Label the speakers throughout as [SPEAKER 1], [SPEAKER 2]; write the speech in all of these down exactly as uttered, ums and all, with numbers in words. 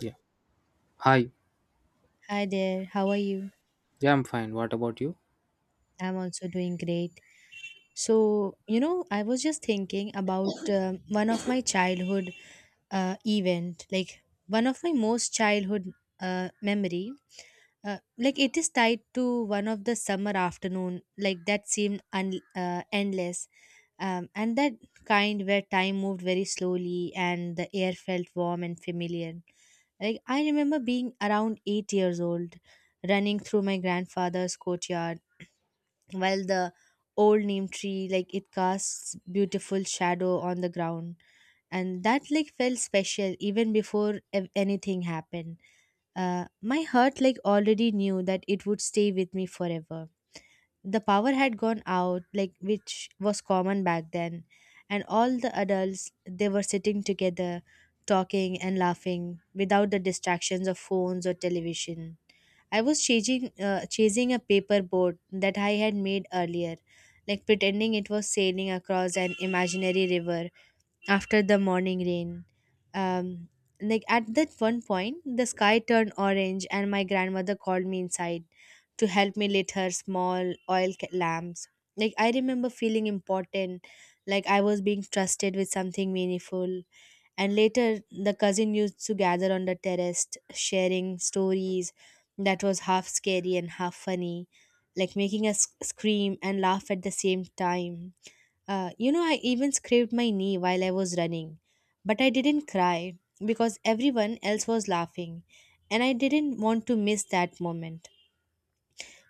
[SPEAKER 1] Yeah. Hi.
[SPEAKER 2] Hi there, how are you?
[SPEAKER 1] Yeah, I'm fine. What about you?
[SPEAKER 2] I'm also doing great. So, you know, I was just thinking about um, one of my childhood uh, event, like one of my most childhood uh, memory. Uh, like it is tied to one of the summer afternoon, like that seemed un- uh, endless, um, and that kind where time moved very slowly and the air felt warm and familiar. Like I remember being around eight years old, running through my grandfather's courtyard while the old neem tree like it casts beautiful shadow on the ground, and that like felt special even before ev- anything happened. Uh, my heart like already knew that it would stay with me forever. The power had gone out, like, which was common back then, and all the adults they were sitting together, talking and laughing without the distractions of phones or television. I was chasing uh, chasing a paper boat that I had made earlier, like pretending it was sailing across an imaginary river after the morning rain. Um, like at that one point, the sky turned orange, and my grandmother called me inside to help me lit her small oil ca- lamps. Like I remember feeling important, like I was being trusted with something meaningful. And later, the cousin used to gather on the terrace, sharing stories that was half scary and half funny, like making us sc- scream and laugh at the same time uh, you know, I even scraped my knee while I was running, but I didn't cry because everyone else was laughing, and I didn't want to miss that moment.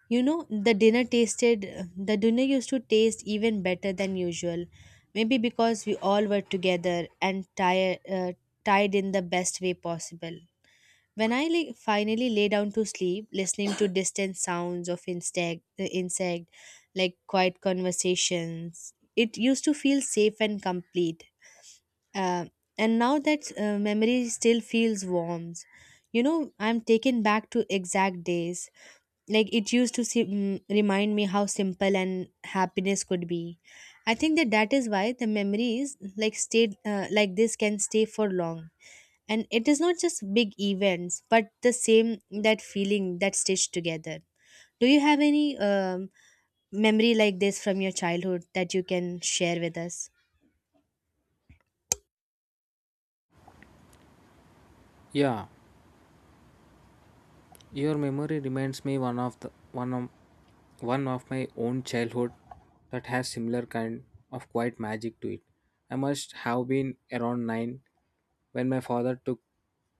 [SPEAKER 2] You know, the dinner tasted, the dinner used to taste even better than usual, maybe because we all were together and tired, uh, tied in the best way possible. When I lay, finally lay down to sleep, listening to distant sounds of insect, the insect, like quiet conversations, it used to feel safe and complete. Uh, and now that uh, memory still feels warm. You know, I'm taken back to exact days. Like it used to sim- mm, remind me how simple and happiness could be. I think that that is why the memories like stayed uh, like this can stay for long. And it is not just big events, but the same that feeling that stitched together. Do you have any um, memory like this from your childhood that you can share with us?
[SPEAKER 1] Yeah. Your memory reminds me one of the one of one of my own childhood that has similar kind of quiet magic to it. I must have been around nine when my father took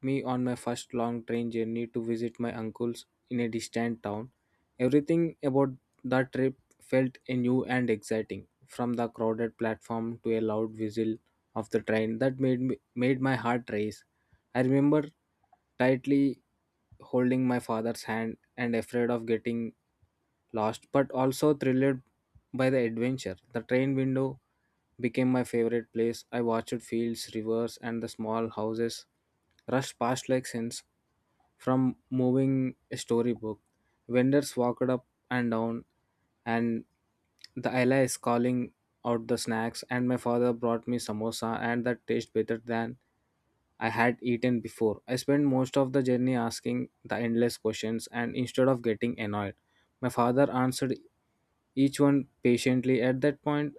[SPEAKER 1] me on my first long train journey to visit my uncles in a distant town. Everything about that trip felt new and exciting, from the crowded platform to a loud whistle of the train that made me, made my heart race. I remember tightly holding my father's hand and afraid of getting lost, but also thrilled by the adventure. The train window became my favorite place. I watched fields, rivers, and the small houses rush past like scenes from moving storybook. Vendors walked up and down, and the ella is calling out the snacks, and my father brought me samosa, and that tasted better than I had eaten before. I spent most of the journey asking the endless questions, and instead of getting annoyed, my father answered each one patiently. At that point,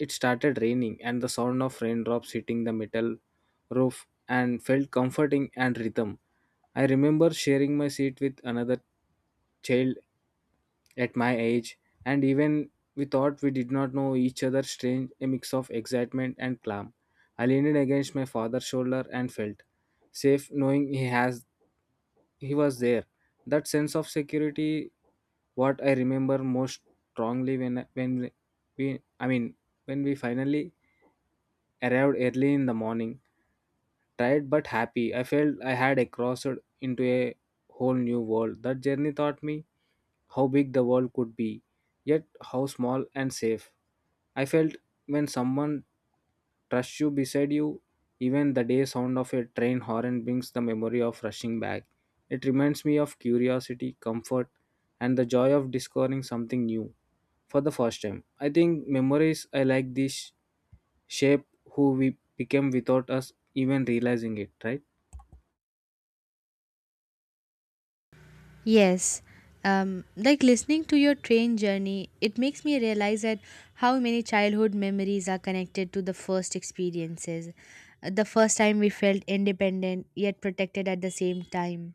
[SPEAKER 1] it started raining, and the sound of raindrops hitting the metal roof and felt comforting and rhythm. I remember sharing my seat with another child at my age and even we thought we did not know each other strange a mix of excitement and calm. I leaned against my father's shoulder and felt safe knowing he has he was there. That sense of security, what I remember most strongly, when when we i mean when we finally arrived early in the morning, tired but happy, I felt I had crossed into a whole new world. That journey taught me how big the world could be, yet how small and safe I felt when someone trusts you beside you. Even the day sound of a train horn brings the memory of rushing back. It reminds me of curiosity, comfort, and the joy of discovering something new for the first time. I think memories I like this shape who we became without us even realizing it, right?
[SPEAKER 2] Yes, um, like listening to your train journey, it makes me realize that how many childhood memories are connected to the first experiences. Uh, The first time we felt independent yet protected at the same time.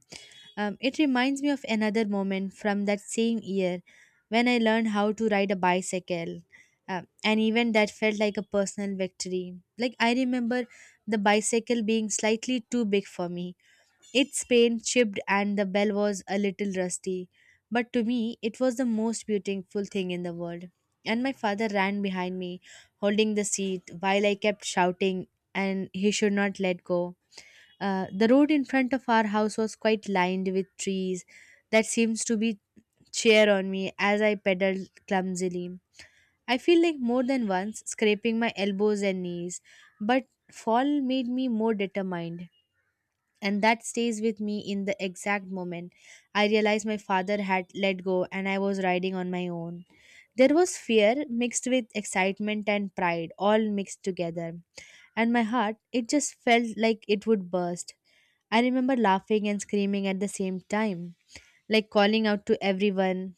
[SPEAKER 2] Um, it reminds me of another moment from that same year when I learned how to ride a bicycle. Uh, an event that felt like a personal victory. Like, I remember the bicycle being slightly too big for me. Its paint chipped and the bell was a little rusty, but to me it was the most beautiful thing in the world. And my father ran behind me, holding the seat while I kept shouting, and he should not let go. Uh, the road in front of our house was quite lined with trees that seems to be cheer on me as I pedaled clumsily. I feel like more than once scraping my elbows and knees, but fall made me more determined, and that stays with me in the exact moment I realized my father had let go and I was riding on my own. There was fear mixed with excitement and pride, all mixed together. And my heart, it just felt like it would burst. I remember laughing and screaming at the same time, like calling out to everyone,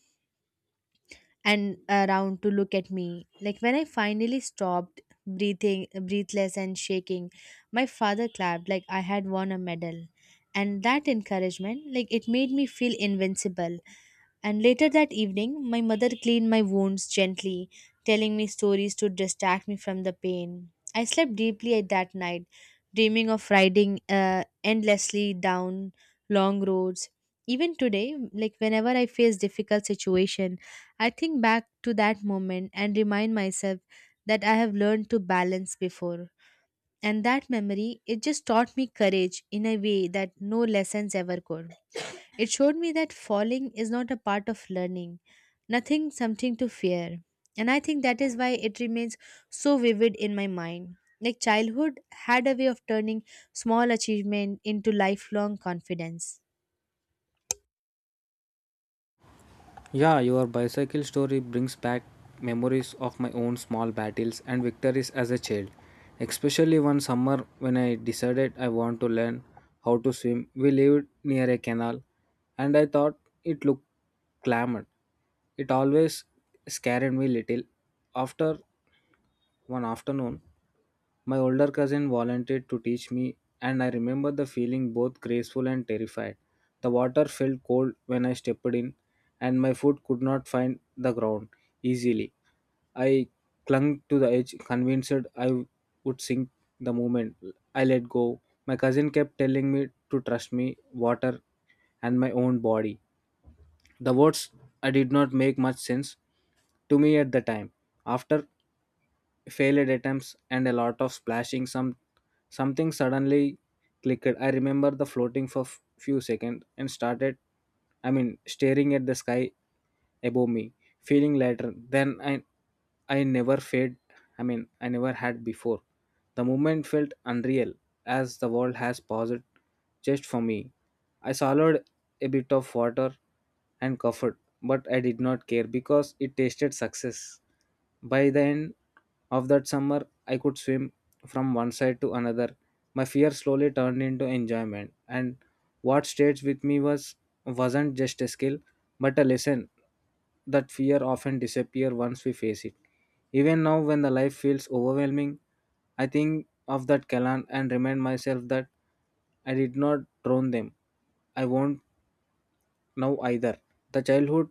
[SPEAKER 2] and around to look at me. Like when I finally stopped breathing, breathless and shaking, my father clapped like I had won a medal. And that encouragement, like it made me feel invincible. And later that evening, my mother cleaned my wounds gently, telling me stories to distract me from the pain. I slept deeply at that night, dreaming of riding uh, endlessly down long roads. Even today, like whenever I face difficult situation, I think back to that moment and remind myself that I have learned to balance before. And that memory, it just taught me courage in a way that no lessons ever could. It showed me that falling is not a part of learning, nothing, something to fear. And I think that is why it remains so vivid in my mind. Like childhood had a way of turning small achievement into lifelong confidence.
[SPEAKER 1] Yeah, your bicycle story brings back memories of my own small battles and victories as a child. Especially one summer when I decided I want to learn how to swim. We lived near a canal and I thought it looked clamid. It always scared me little. After one afternoon, my older cousin volunteered to teach me, and I remember the feeling both graceful and terrified. The water felt cold when I stepped in, and my foot could not find the ground easily. I clung to the edge, convinced I would sink the moment I let go. My cousin kept telling me to trust me, water, and my own body. The words I did not make much sense to me at the time. After failed attempts and a lot of splashing, some something suddenly clicked. I remember the floating for f- few seconds and started I mean staring at the sky above me, feeling lighter than I I never fed I mean I never had before. The moment felt unreal, as the world has paused just for me. I swallowed a bit of water and coughed, but I did not care because it tasted success. By the end of that summer, I could swim from one side to another. My fear slowly turned into enjoyment, and what stayed with me was wasn't just a skill, but a lesson that fear often disappears once we face it. Even now, when the life feels overwhelming, I think of that Kalan and remind myself that I did not drown them. I won't now either. The childhood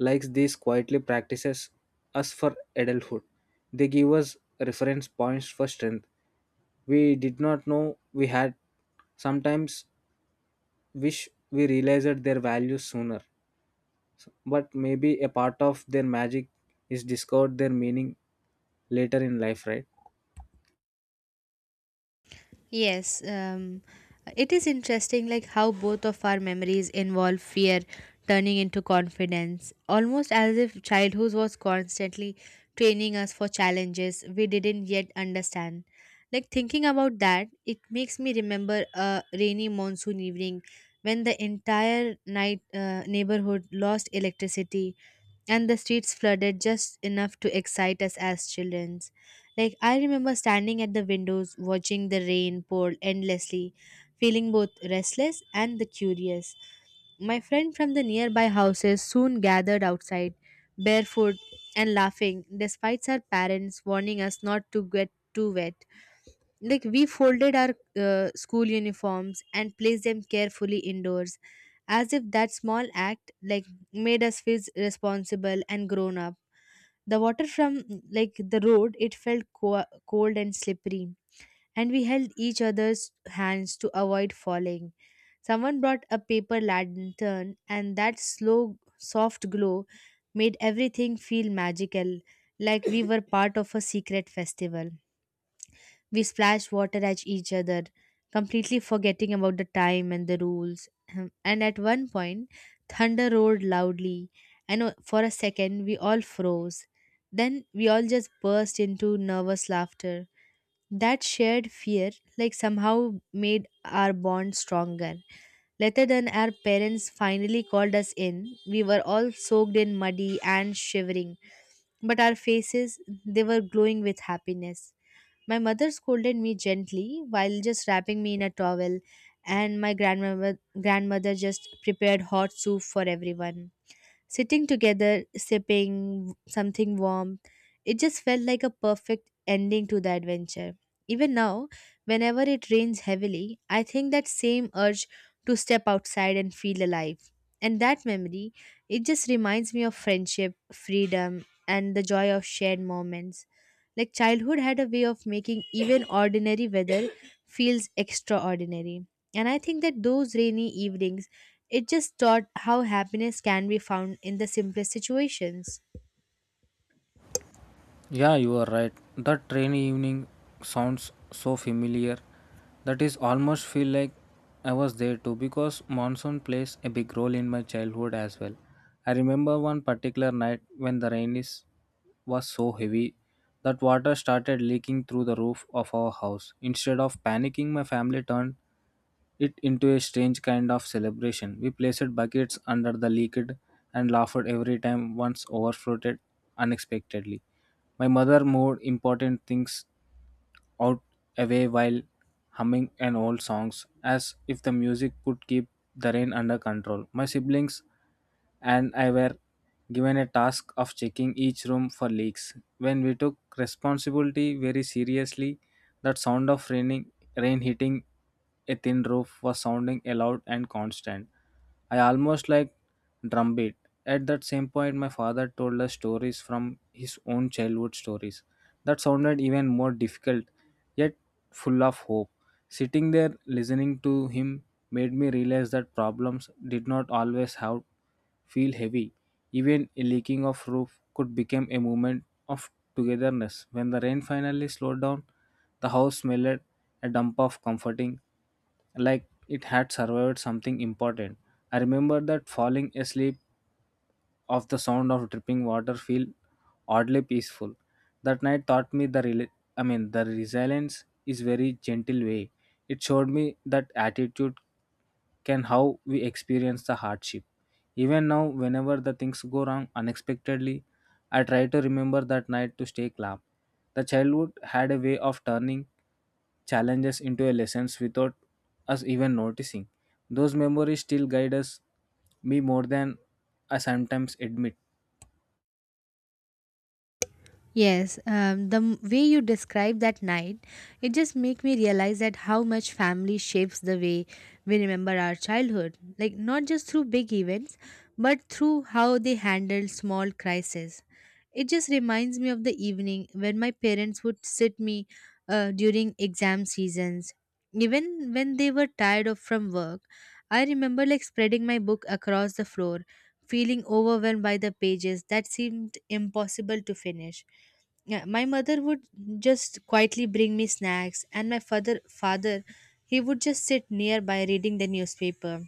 [SPEAKER 1] likes these quietly practices us for adulthood. They give us reference points for strength we did not know we had. Sometimes wish we realized their value sooner, but maybe a part of their magic is discovered their meaning later in life, right?
[SPEAKER 2] Yes, um, it is interesting, like how both of our memories involve fear turning into confidence, almost as if childhood was constantly training us for challenges we didn't yet understand. Like thinking about that, it makes me remember a rainy monsoon evening when the entire night uh, neighborhood lost electricity and the streets flooded just enough to excite us as children. Like, I remember standing at the windows watching the rain pour endlessly, feeling both restless and the curious. My friend from the nearby houses soon gathered outside, barefoot and laughing, despite our parents warning us not to get too wet. Like, we folded our uh, school uniforms and placed them carefully indoors, as if that small act, like, made us feel responsible and grown up. The water from mm, like the road it felt co- cold and slippery, and we held each other's hands to avoid falling. Someone brought a paper lantern, and that slow, soft glow made everything feel magical, like we were part of a secret festival. We splashed water at each other, completely forgetting about the time and the rules. Um, And at one point, thunder roared loudly, and o- for a second, we all froze. Then we all just burst into nervous laughter. That shared fear, like, somehow made our bond stronger. Later, than our parents finally called us in, we were all soaked in muddy and shivering, but our faces, they were glowing with happiness. My mother scolded me gently while just wrapping me in a towel, and my grandmother, grandmother just prepared hot soup for everyone. Sitting together, sipping something warm, it just felt like a perfect ending to the adventure. Even now, whenever it rains heavily, I think that same urge to step outside and feel alive. And that memory, it just reminds me of friendship, freedom, and the joy of shared moments. Like childhood had a way of making even ordinary weather feels extraordinary. And I think that those rainy evenings, it just taught how happiness can be found in the simplest situations.
[SPEAKER 1] Yeah, you are right. That rainy evening sounds so familiar that is almost feel like I was there too because monsoon plays a big role in my childhood as well. I remember one particular night when the rain is was so heavy that water started leaking through the roof of our house. Instead of panicking, my family turned it into a strange kind of celebration. We placed buckets under the leaked and laughed every time once overflowed unexpectedly. My mother moved important things out away while humming an old songs as if the music could keep the rain under control. My siblings and I were given a task of checking each room for leaks. When we took responsibility very seriously, that sound of raining, rain hitting a thin roof was sounding loud and constant. I almost like drumbeat. At that same point, my father told us stories from his own childhood stories. That sounded even more difficult yet full of hope. Sitting there listening to him made me realize that problems did not always have feel heavy. Even a leaking of roof could become a moment of togetherness. When the rain finally slowed down, the house smelled a dump of comforting, like it had survived something important. I remember that falling asleep of the sound of dripping water feel oddly peaceful. That night taught me the rela- I mean the resilience is very gentle way. It showed me that attitude can how we experience the hardship. Even now, whenever the things go wrong unexpectedly, I try to remember that night to stay calm. The childhood had a way of turning challenges into a lessons without us even noticing. Those memories still guide us, me more than I sometimes admit.
[SPEAKER 2] Yes, um, the m- way you describe that night, it just make me realize that how much family shapes the way we remember our childhood. Like not just through big events, but through how they handle small crises. It just reminds me of the evening when my parents would sit me uh, during exam seasons. Even when they were tired of from work, I remember like spreading my book across the floor, feeling overwhelmed by the pages that seemed impossible to finish. Yeah, my mother would just quietly bring me snacks, and my father, father, he would just sit nearby reading the newspaper.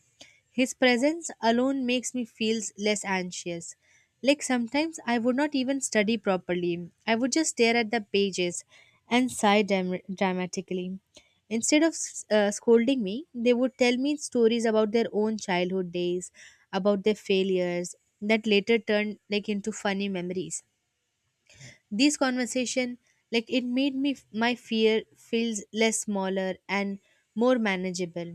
[SPEAKER 2] His presence alone makes me feel less anxious. Like sometimes I would not even study properly. I would just stare at the pages and sigh dram- dramatically. Instead of s- uh, scolding me, they would tell me stories about their own childhood days, about their failures that later turned like into funny memories. This conversation, like, it made me my fear feels less smaller and more manageable.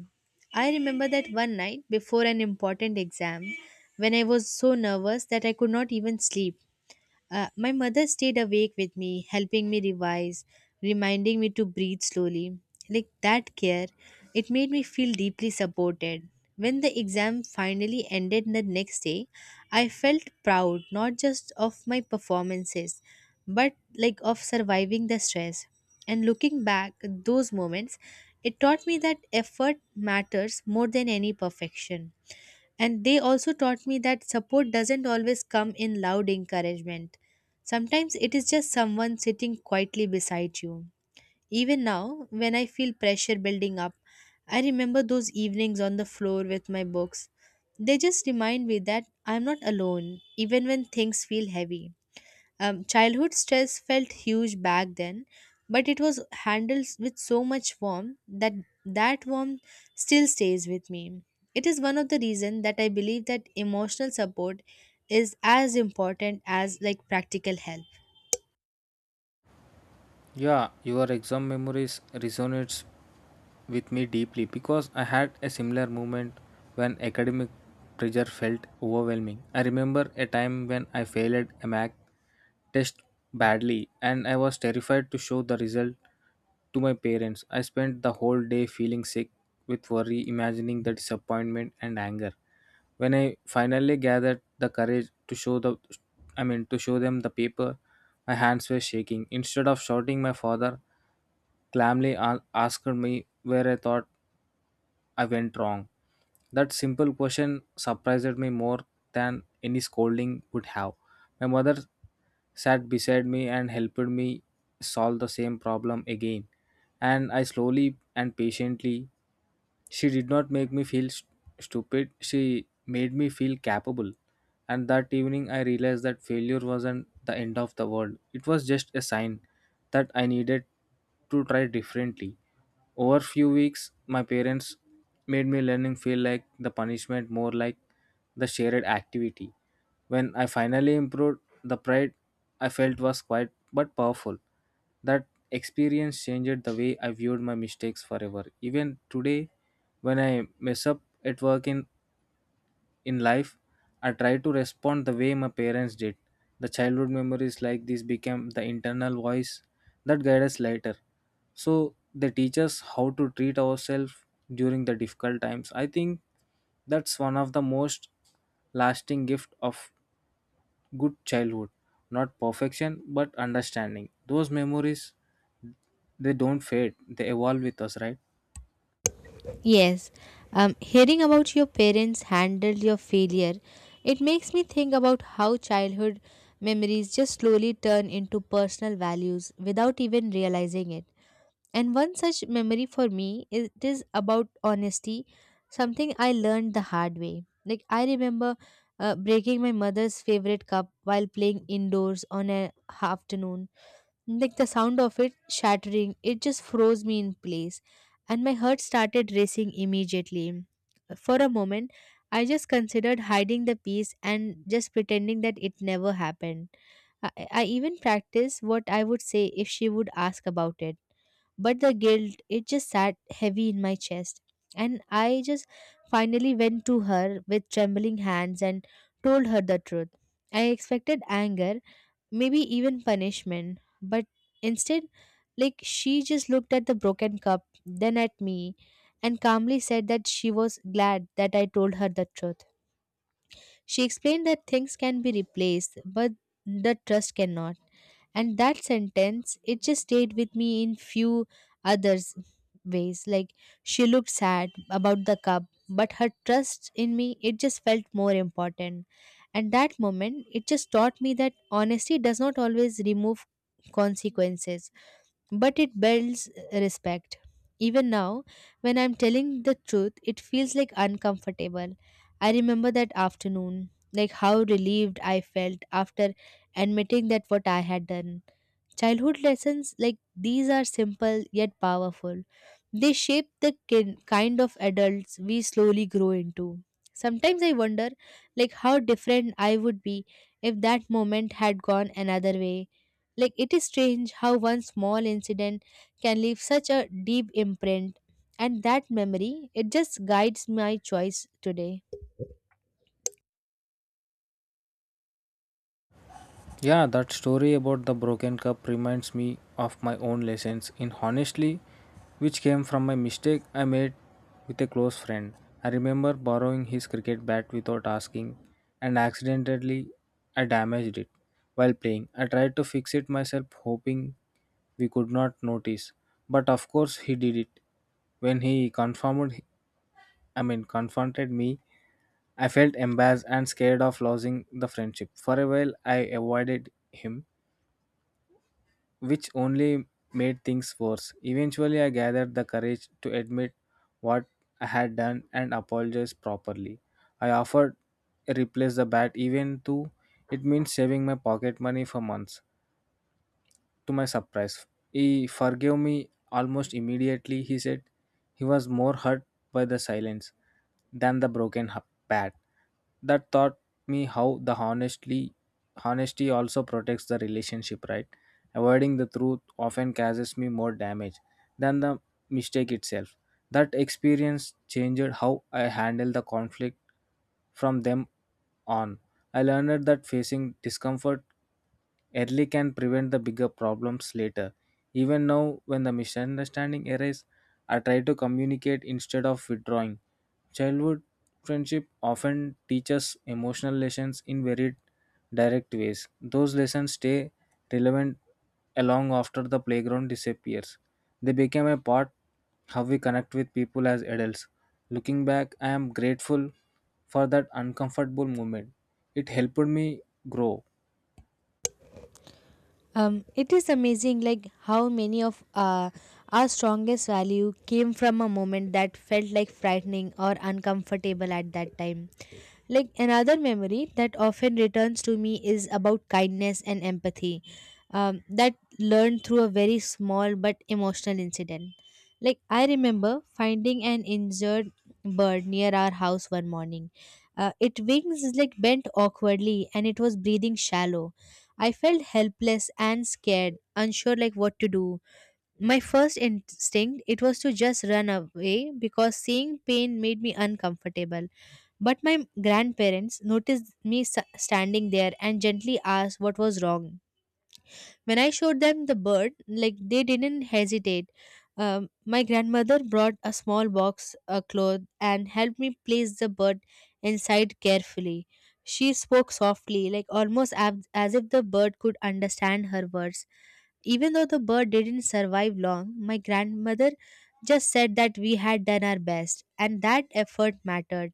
[SPEAKER 2] I remember that one night before an important exam when I was so nervous that I could not even sleep. Uh, my mother stayed awake with me, helping me revise, reminding me to breathe slowly. Like that care, it made me feel deeply supported. When the exam finally ended the next day, I felt proud not just of my performances, but like of surviving the stress. And looking back at those moments, it taught me that effort matters more than any perfection. And they also taught me that support doesn't always come in loud encouragement. Sometimes it is just someone sitting quietly beside you. Even now, when I feel pressure building up, I remember those evenings on the floor with my books. They just remind me that I'm not alone, even when things feel heavy. Um, childhood stress felt huge back then, but it was handled with so much warmth that that warmth still stays with me. It is one of the reasons that I believe that emotional support is as important as like practical help.
[SPEAKER 1] Yeah, your exam memories resonates with me deeply because I had a similar moment when academic pressure felt overwhelming. I remember a time when I failed a math test badly and I was terrified to show the result to my parents. I spent the whole day feeling sick with worry, imagining the disappointment and anger. When I finally gathered the courage to show the I mean to show them the paper, my hands were shaking. Instead of shouting, my father calmly a- asked me where I thought I went wrong. That simple question surprised me more than any scolding would have. My mother sat beside me and helped me solve the same problem again. And I slowly and patiently, she did not make me feel st- stupid, she made me feel capable. And that evening, I realized that failure wasn't the end of the world, it was just a sign that I needed to try differently. Over few weeks, my parents made me learning feel like the punishment more like the shared activity. When I finally improved, the pride I felt was quite but powerful. That experience changed the way I viewed my mistakes forever. Even today, when I mess up at work in in life, I try to respond the way my parents did. The childhood memories like this became the internal voice that guide us later, so they teach us how to treat ourselves during the difficult times. I think that's one of the most lasting gift of good childhood, not perfection but understanding. Those memories, they don't fade, they evolve with us, right?
[SPEAKER 2] Yes, um, hearing about your parents handled your failure, it makes me think about how childhood memories just slowly turn into personal values without even realizing it. And one such memory for me, it is about honesty, something I learned the hard way. Like I remember uh, breaking my mother's favorite cup while playing indoors on an afternoon. Like the sound of it shattering, it just froze me in place, and my heart started racing immediately. For a moment, I just considered hiding the piece and just pretending that it never happened. I, I even practiced what I would say if she would ask about it, but the guilt, it just sat heavy in my chest, and I just finally went to her with trembling hands and told her the truth. I expected anger, maybe even punishment. But instead, like she just looked at the broken cup, then at me, and calmly said that she was glad that I told her the truth. She explained that things can be replaced, but the trust cannot. And that sentence, it just stayed with me in few others ways. Like she looked sad about the cup, but her trust in me, it just felt more important. And that moment, it just taught me that honesty does not always remove consequences, but it builds respect. Even now, when I'm telling the truth, it feels like uncomfortable. I remember that afternoon, like how relieved I felt after admitting that what I had done. Childhood lessons like these are simple yet powerful. They shape the kin- kind of adults we slowly grow into. Sometimes I wonder, like how different I would be if that moment had gone another way. Like it is strange how one small incident can leave such a deep imprint, and that memory, it just guides my choice today.
[SPEAKER 1] Yeah, that story about the broken cup reminds me of my own lessons in honestly, which came from my mistake I made with a close friend. I remember borrowing his cricket bat without asking, and accidentally I damaged it while playing. I tried to fix it myself, hoping we could not notice, but of course he did it. When he confirmed, I mean confronted me, I felt embarrassed and scared of losing the friendship. For a while, I avoided him, which only made things worse. Eventually, I gathered the courage to admit what I had done and apologize properly. I offered to replace the bat even though it means saving my pocket money for months. To my surprise, he forgave me almost immediately, he said. He was more hurt by the silence than the broken hu- bat. That taught me how the honestly honesty also protects the relationship, right? Avoiding the truth often causes me more damage than the mistake itself. That experience changed how I handle the conflict from them on. I learned that facing discomfort early can prevent the bigger problems later. Even now, when the misunderstanding arises, I try to communicate instead of withdrawing. Childhood friendship often teaches emotional lessons in very direct ways. Those lessons stay relevant along after the playground disappears. They become a part how we connect with people as adults. Looking back, I am grateful for that uncomfortable moment. It helped me grow.
[SPEAKER 2] Um, it is amazing, like how many of uh, our strongest value came from a moment that felt like frightening or uncomfortable at that time. Like another memory that often returns to me is about kindness and empathy, um, that learned through a very small but emotional incident. Like I remember finding an injured bird near our house one morning. Uh, its wings like bent awkwardly, and it was breathing shallow. I felt helpless and scared, unsure like what to do. My first instinct, it was to just run away because seeing pain made me uncomfortable. But my grandparents noticed me s- standing there and gently asked what was wrong. When I showed them the bird, like they didn't hesitate. Um, my grandmother brought a small box, a cloth, and helped me place the bird inside carefully. She spoke softly, like almost ab- as if the bird could understand her words. Even though the bird didn't survive long, my grandmother just said that we had done our best, and that effort mattered.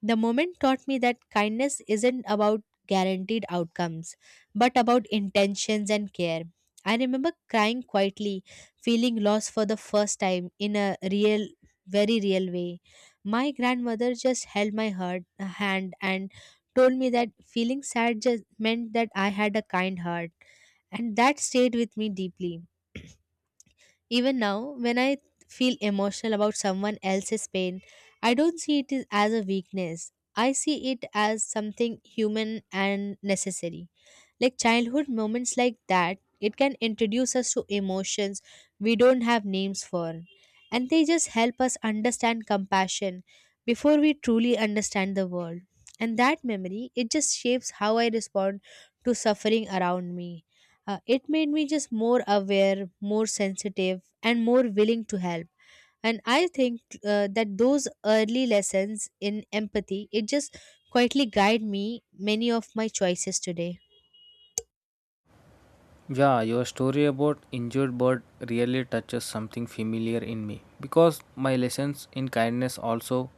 [SPEAKER 2] The moment taught me that kindness isn't about guaranteed outcomes, but about intentions and care. I remember crying quietly, feeling lost for the first time in a real, very real way. My grandmother just held my heart, hand, and told me that feeling sad just meant that I had a kind heart, and that stayed with me deeply. Even now, when I feel emotional about someone else's pain, I don't see it as a weakness. I see it as something human and necessary. Like childhood moments like that, it can introduce us to emotions we don't have names for, and they just help us understand compassion before we truly understand the world. And that memory, it just shapes how I respond to suffering around me. Uh, it made me just more aware, more sensitive, and more willing to help. And I think uh, that those early lessons in empathy, it just quietly guide me many of my choices today.
[SPEAKER 1] Yeah, your story about injured bird really touches something familiar in me because my lessons in kindness also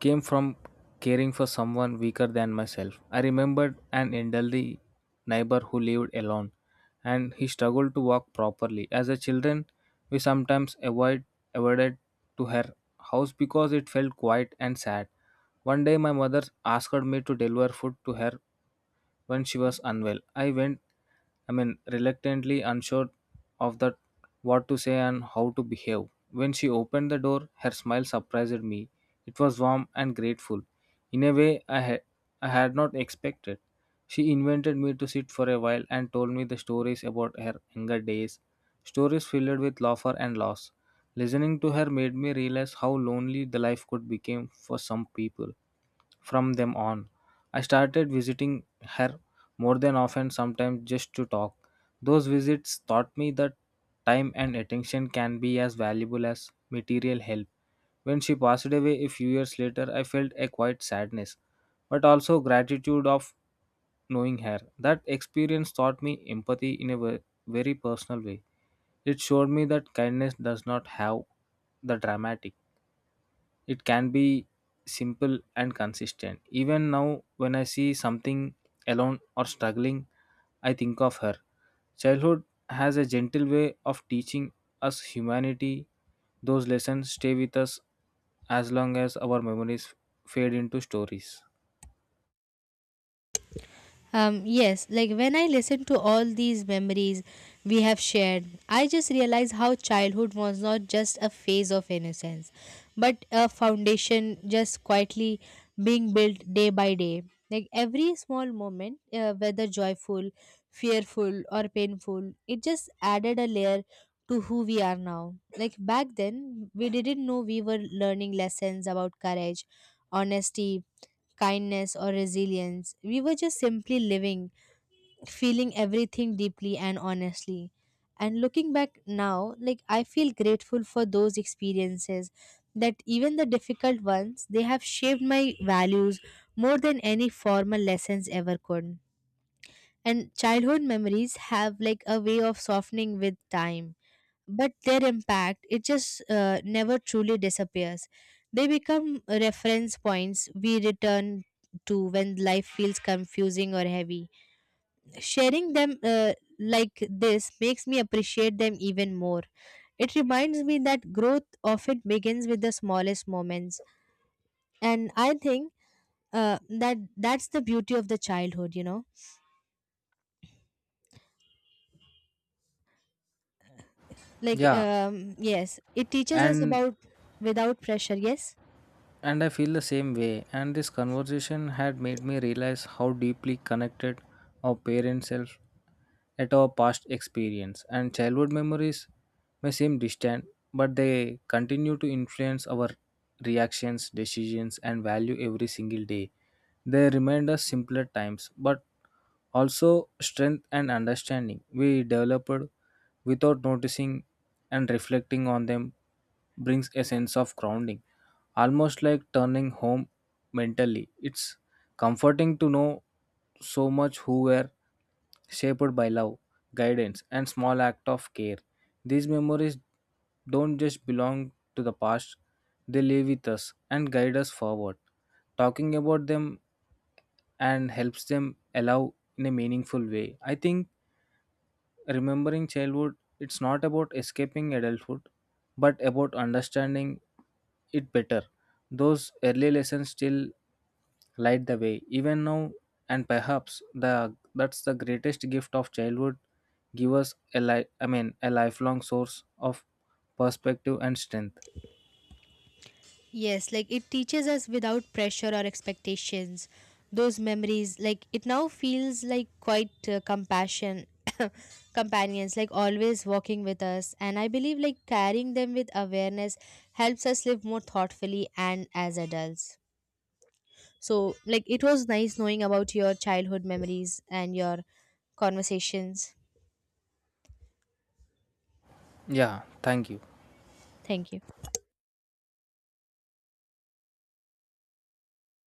[SPEAKER 1] came from caring for someone weaker than myself. I remembered an elderly neighbor who lived alone and he struggled to walk properly. As a children, we sometimes avoid avoided to her house because it felt quiet and sad. One day my mother asked me to deliver food to her when she was unwell. I went, I mean, Reluctantly unsure of that what to say and how to behave. When she opened the door, her smile surprised me. It was warm and grateful, in a way I had, I had not expected. She invited me to sit for a while and told me the stories about her younger days, stories filled with laughter and loss. Listening to her made me realize how lonely the life could become for some people. From them on, I started visiting her more than often, sometimes just to talk. Those visits taught me that time and attention can be as valuable as material help. When she passed away a few years later, I felt a quiet sadness, but also gratitude of knowing her. That experience taught me empathy in a ve- very personal way. It showed me that kindness does not have the dramatic, it can be simple and consistent. Even now, when I see something alone or struggling, I think of her. Childhood has a gentle way of teaching us humanity. Those lessons stay with us as long as our memories fade into stories.
[SPEAKER 2] Um, yes, like when I listen to all these memories we have shared, I just realize how childhood was not just a phase of innocence, but a foundation just quietly being built day by day. Like every small moment, uh, whether joyful, fearful, or painful, it just added a layer to who we are now. Like back then, we didn't know we were learning lessons about courage, honesty, kindness, or resilience. We were just simply living, feeling everything deeply and honestly. And looking back now, like I feel grateful for those experiences, that even the difficult ones, they have shaped my values more than any formal lessons ever could. And childhood memories have like a way of softening with time, but their impact, it just uh, never truly disappears. They become reference points we return to when life feels confusing or heavy. Sharing them, uh, like this makes me appreciate them even more. It reminds me that growth often begins with the smallest moments. And I think uh, that that's the beauty of the childhood, you know. Like
[SPEAKER 1] Yeah.
[SPEAKER 2] um, yes, it teaches us
[SPEAKER 1] And
[SPEAKER 2] about without pressure. Yes.
[SPEAKER 1] And I feel the same way. And this conversation had made me realize how deeply connected our parents' self at our past experience. And childhood memories may seem distant, but they continue to influence our reactions, decisions, and value every single day. They remind us simpler times, but also strength and understanding we developed without noticing, and reflecting on them brings a sense of grounding, almost like turning home mentally. It's comforting to know so much who were shaped by love, guidance, and small act of care. These memories don't just belong to the past, they live with us and guide us forward. Talking about them and helps them allow in a meaningful way. I think remembering childhood, it's not about escaping adulthood, but about understanding it better. Those early lessons still light the way, even now, and perhaps the that's the greatest gift of childhood. Give us a li- I mean a lifelong source of perspective and strength.
[SPEAKER 2] Yes, like it teaches us without pressure or expectations. Those memories, like it now feels like quite uh, compassion companions, like always walking with us. And I believe like carrying them with awareness helps us live more thoughtfully and as adults. So, like it was nice knowing about your childhood memories and your conversations.
[SPEAKER 1] Yeah, thank you.
[SPEAKER 2] Thank you.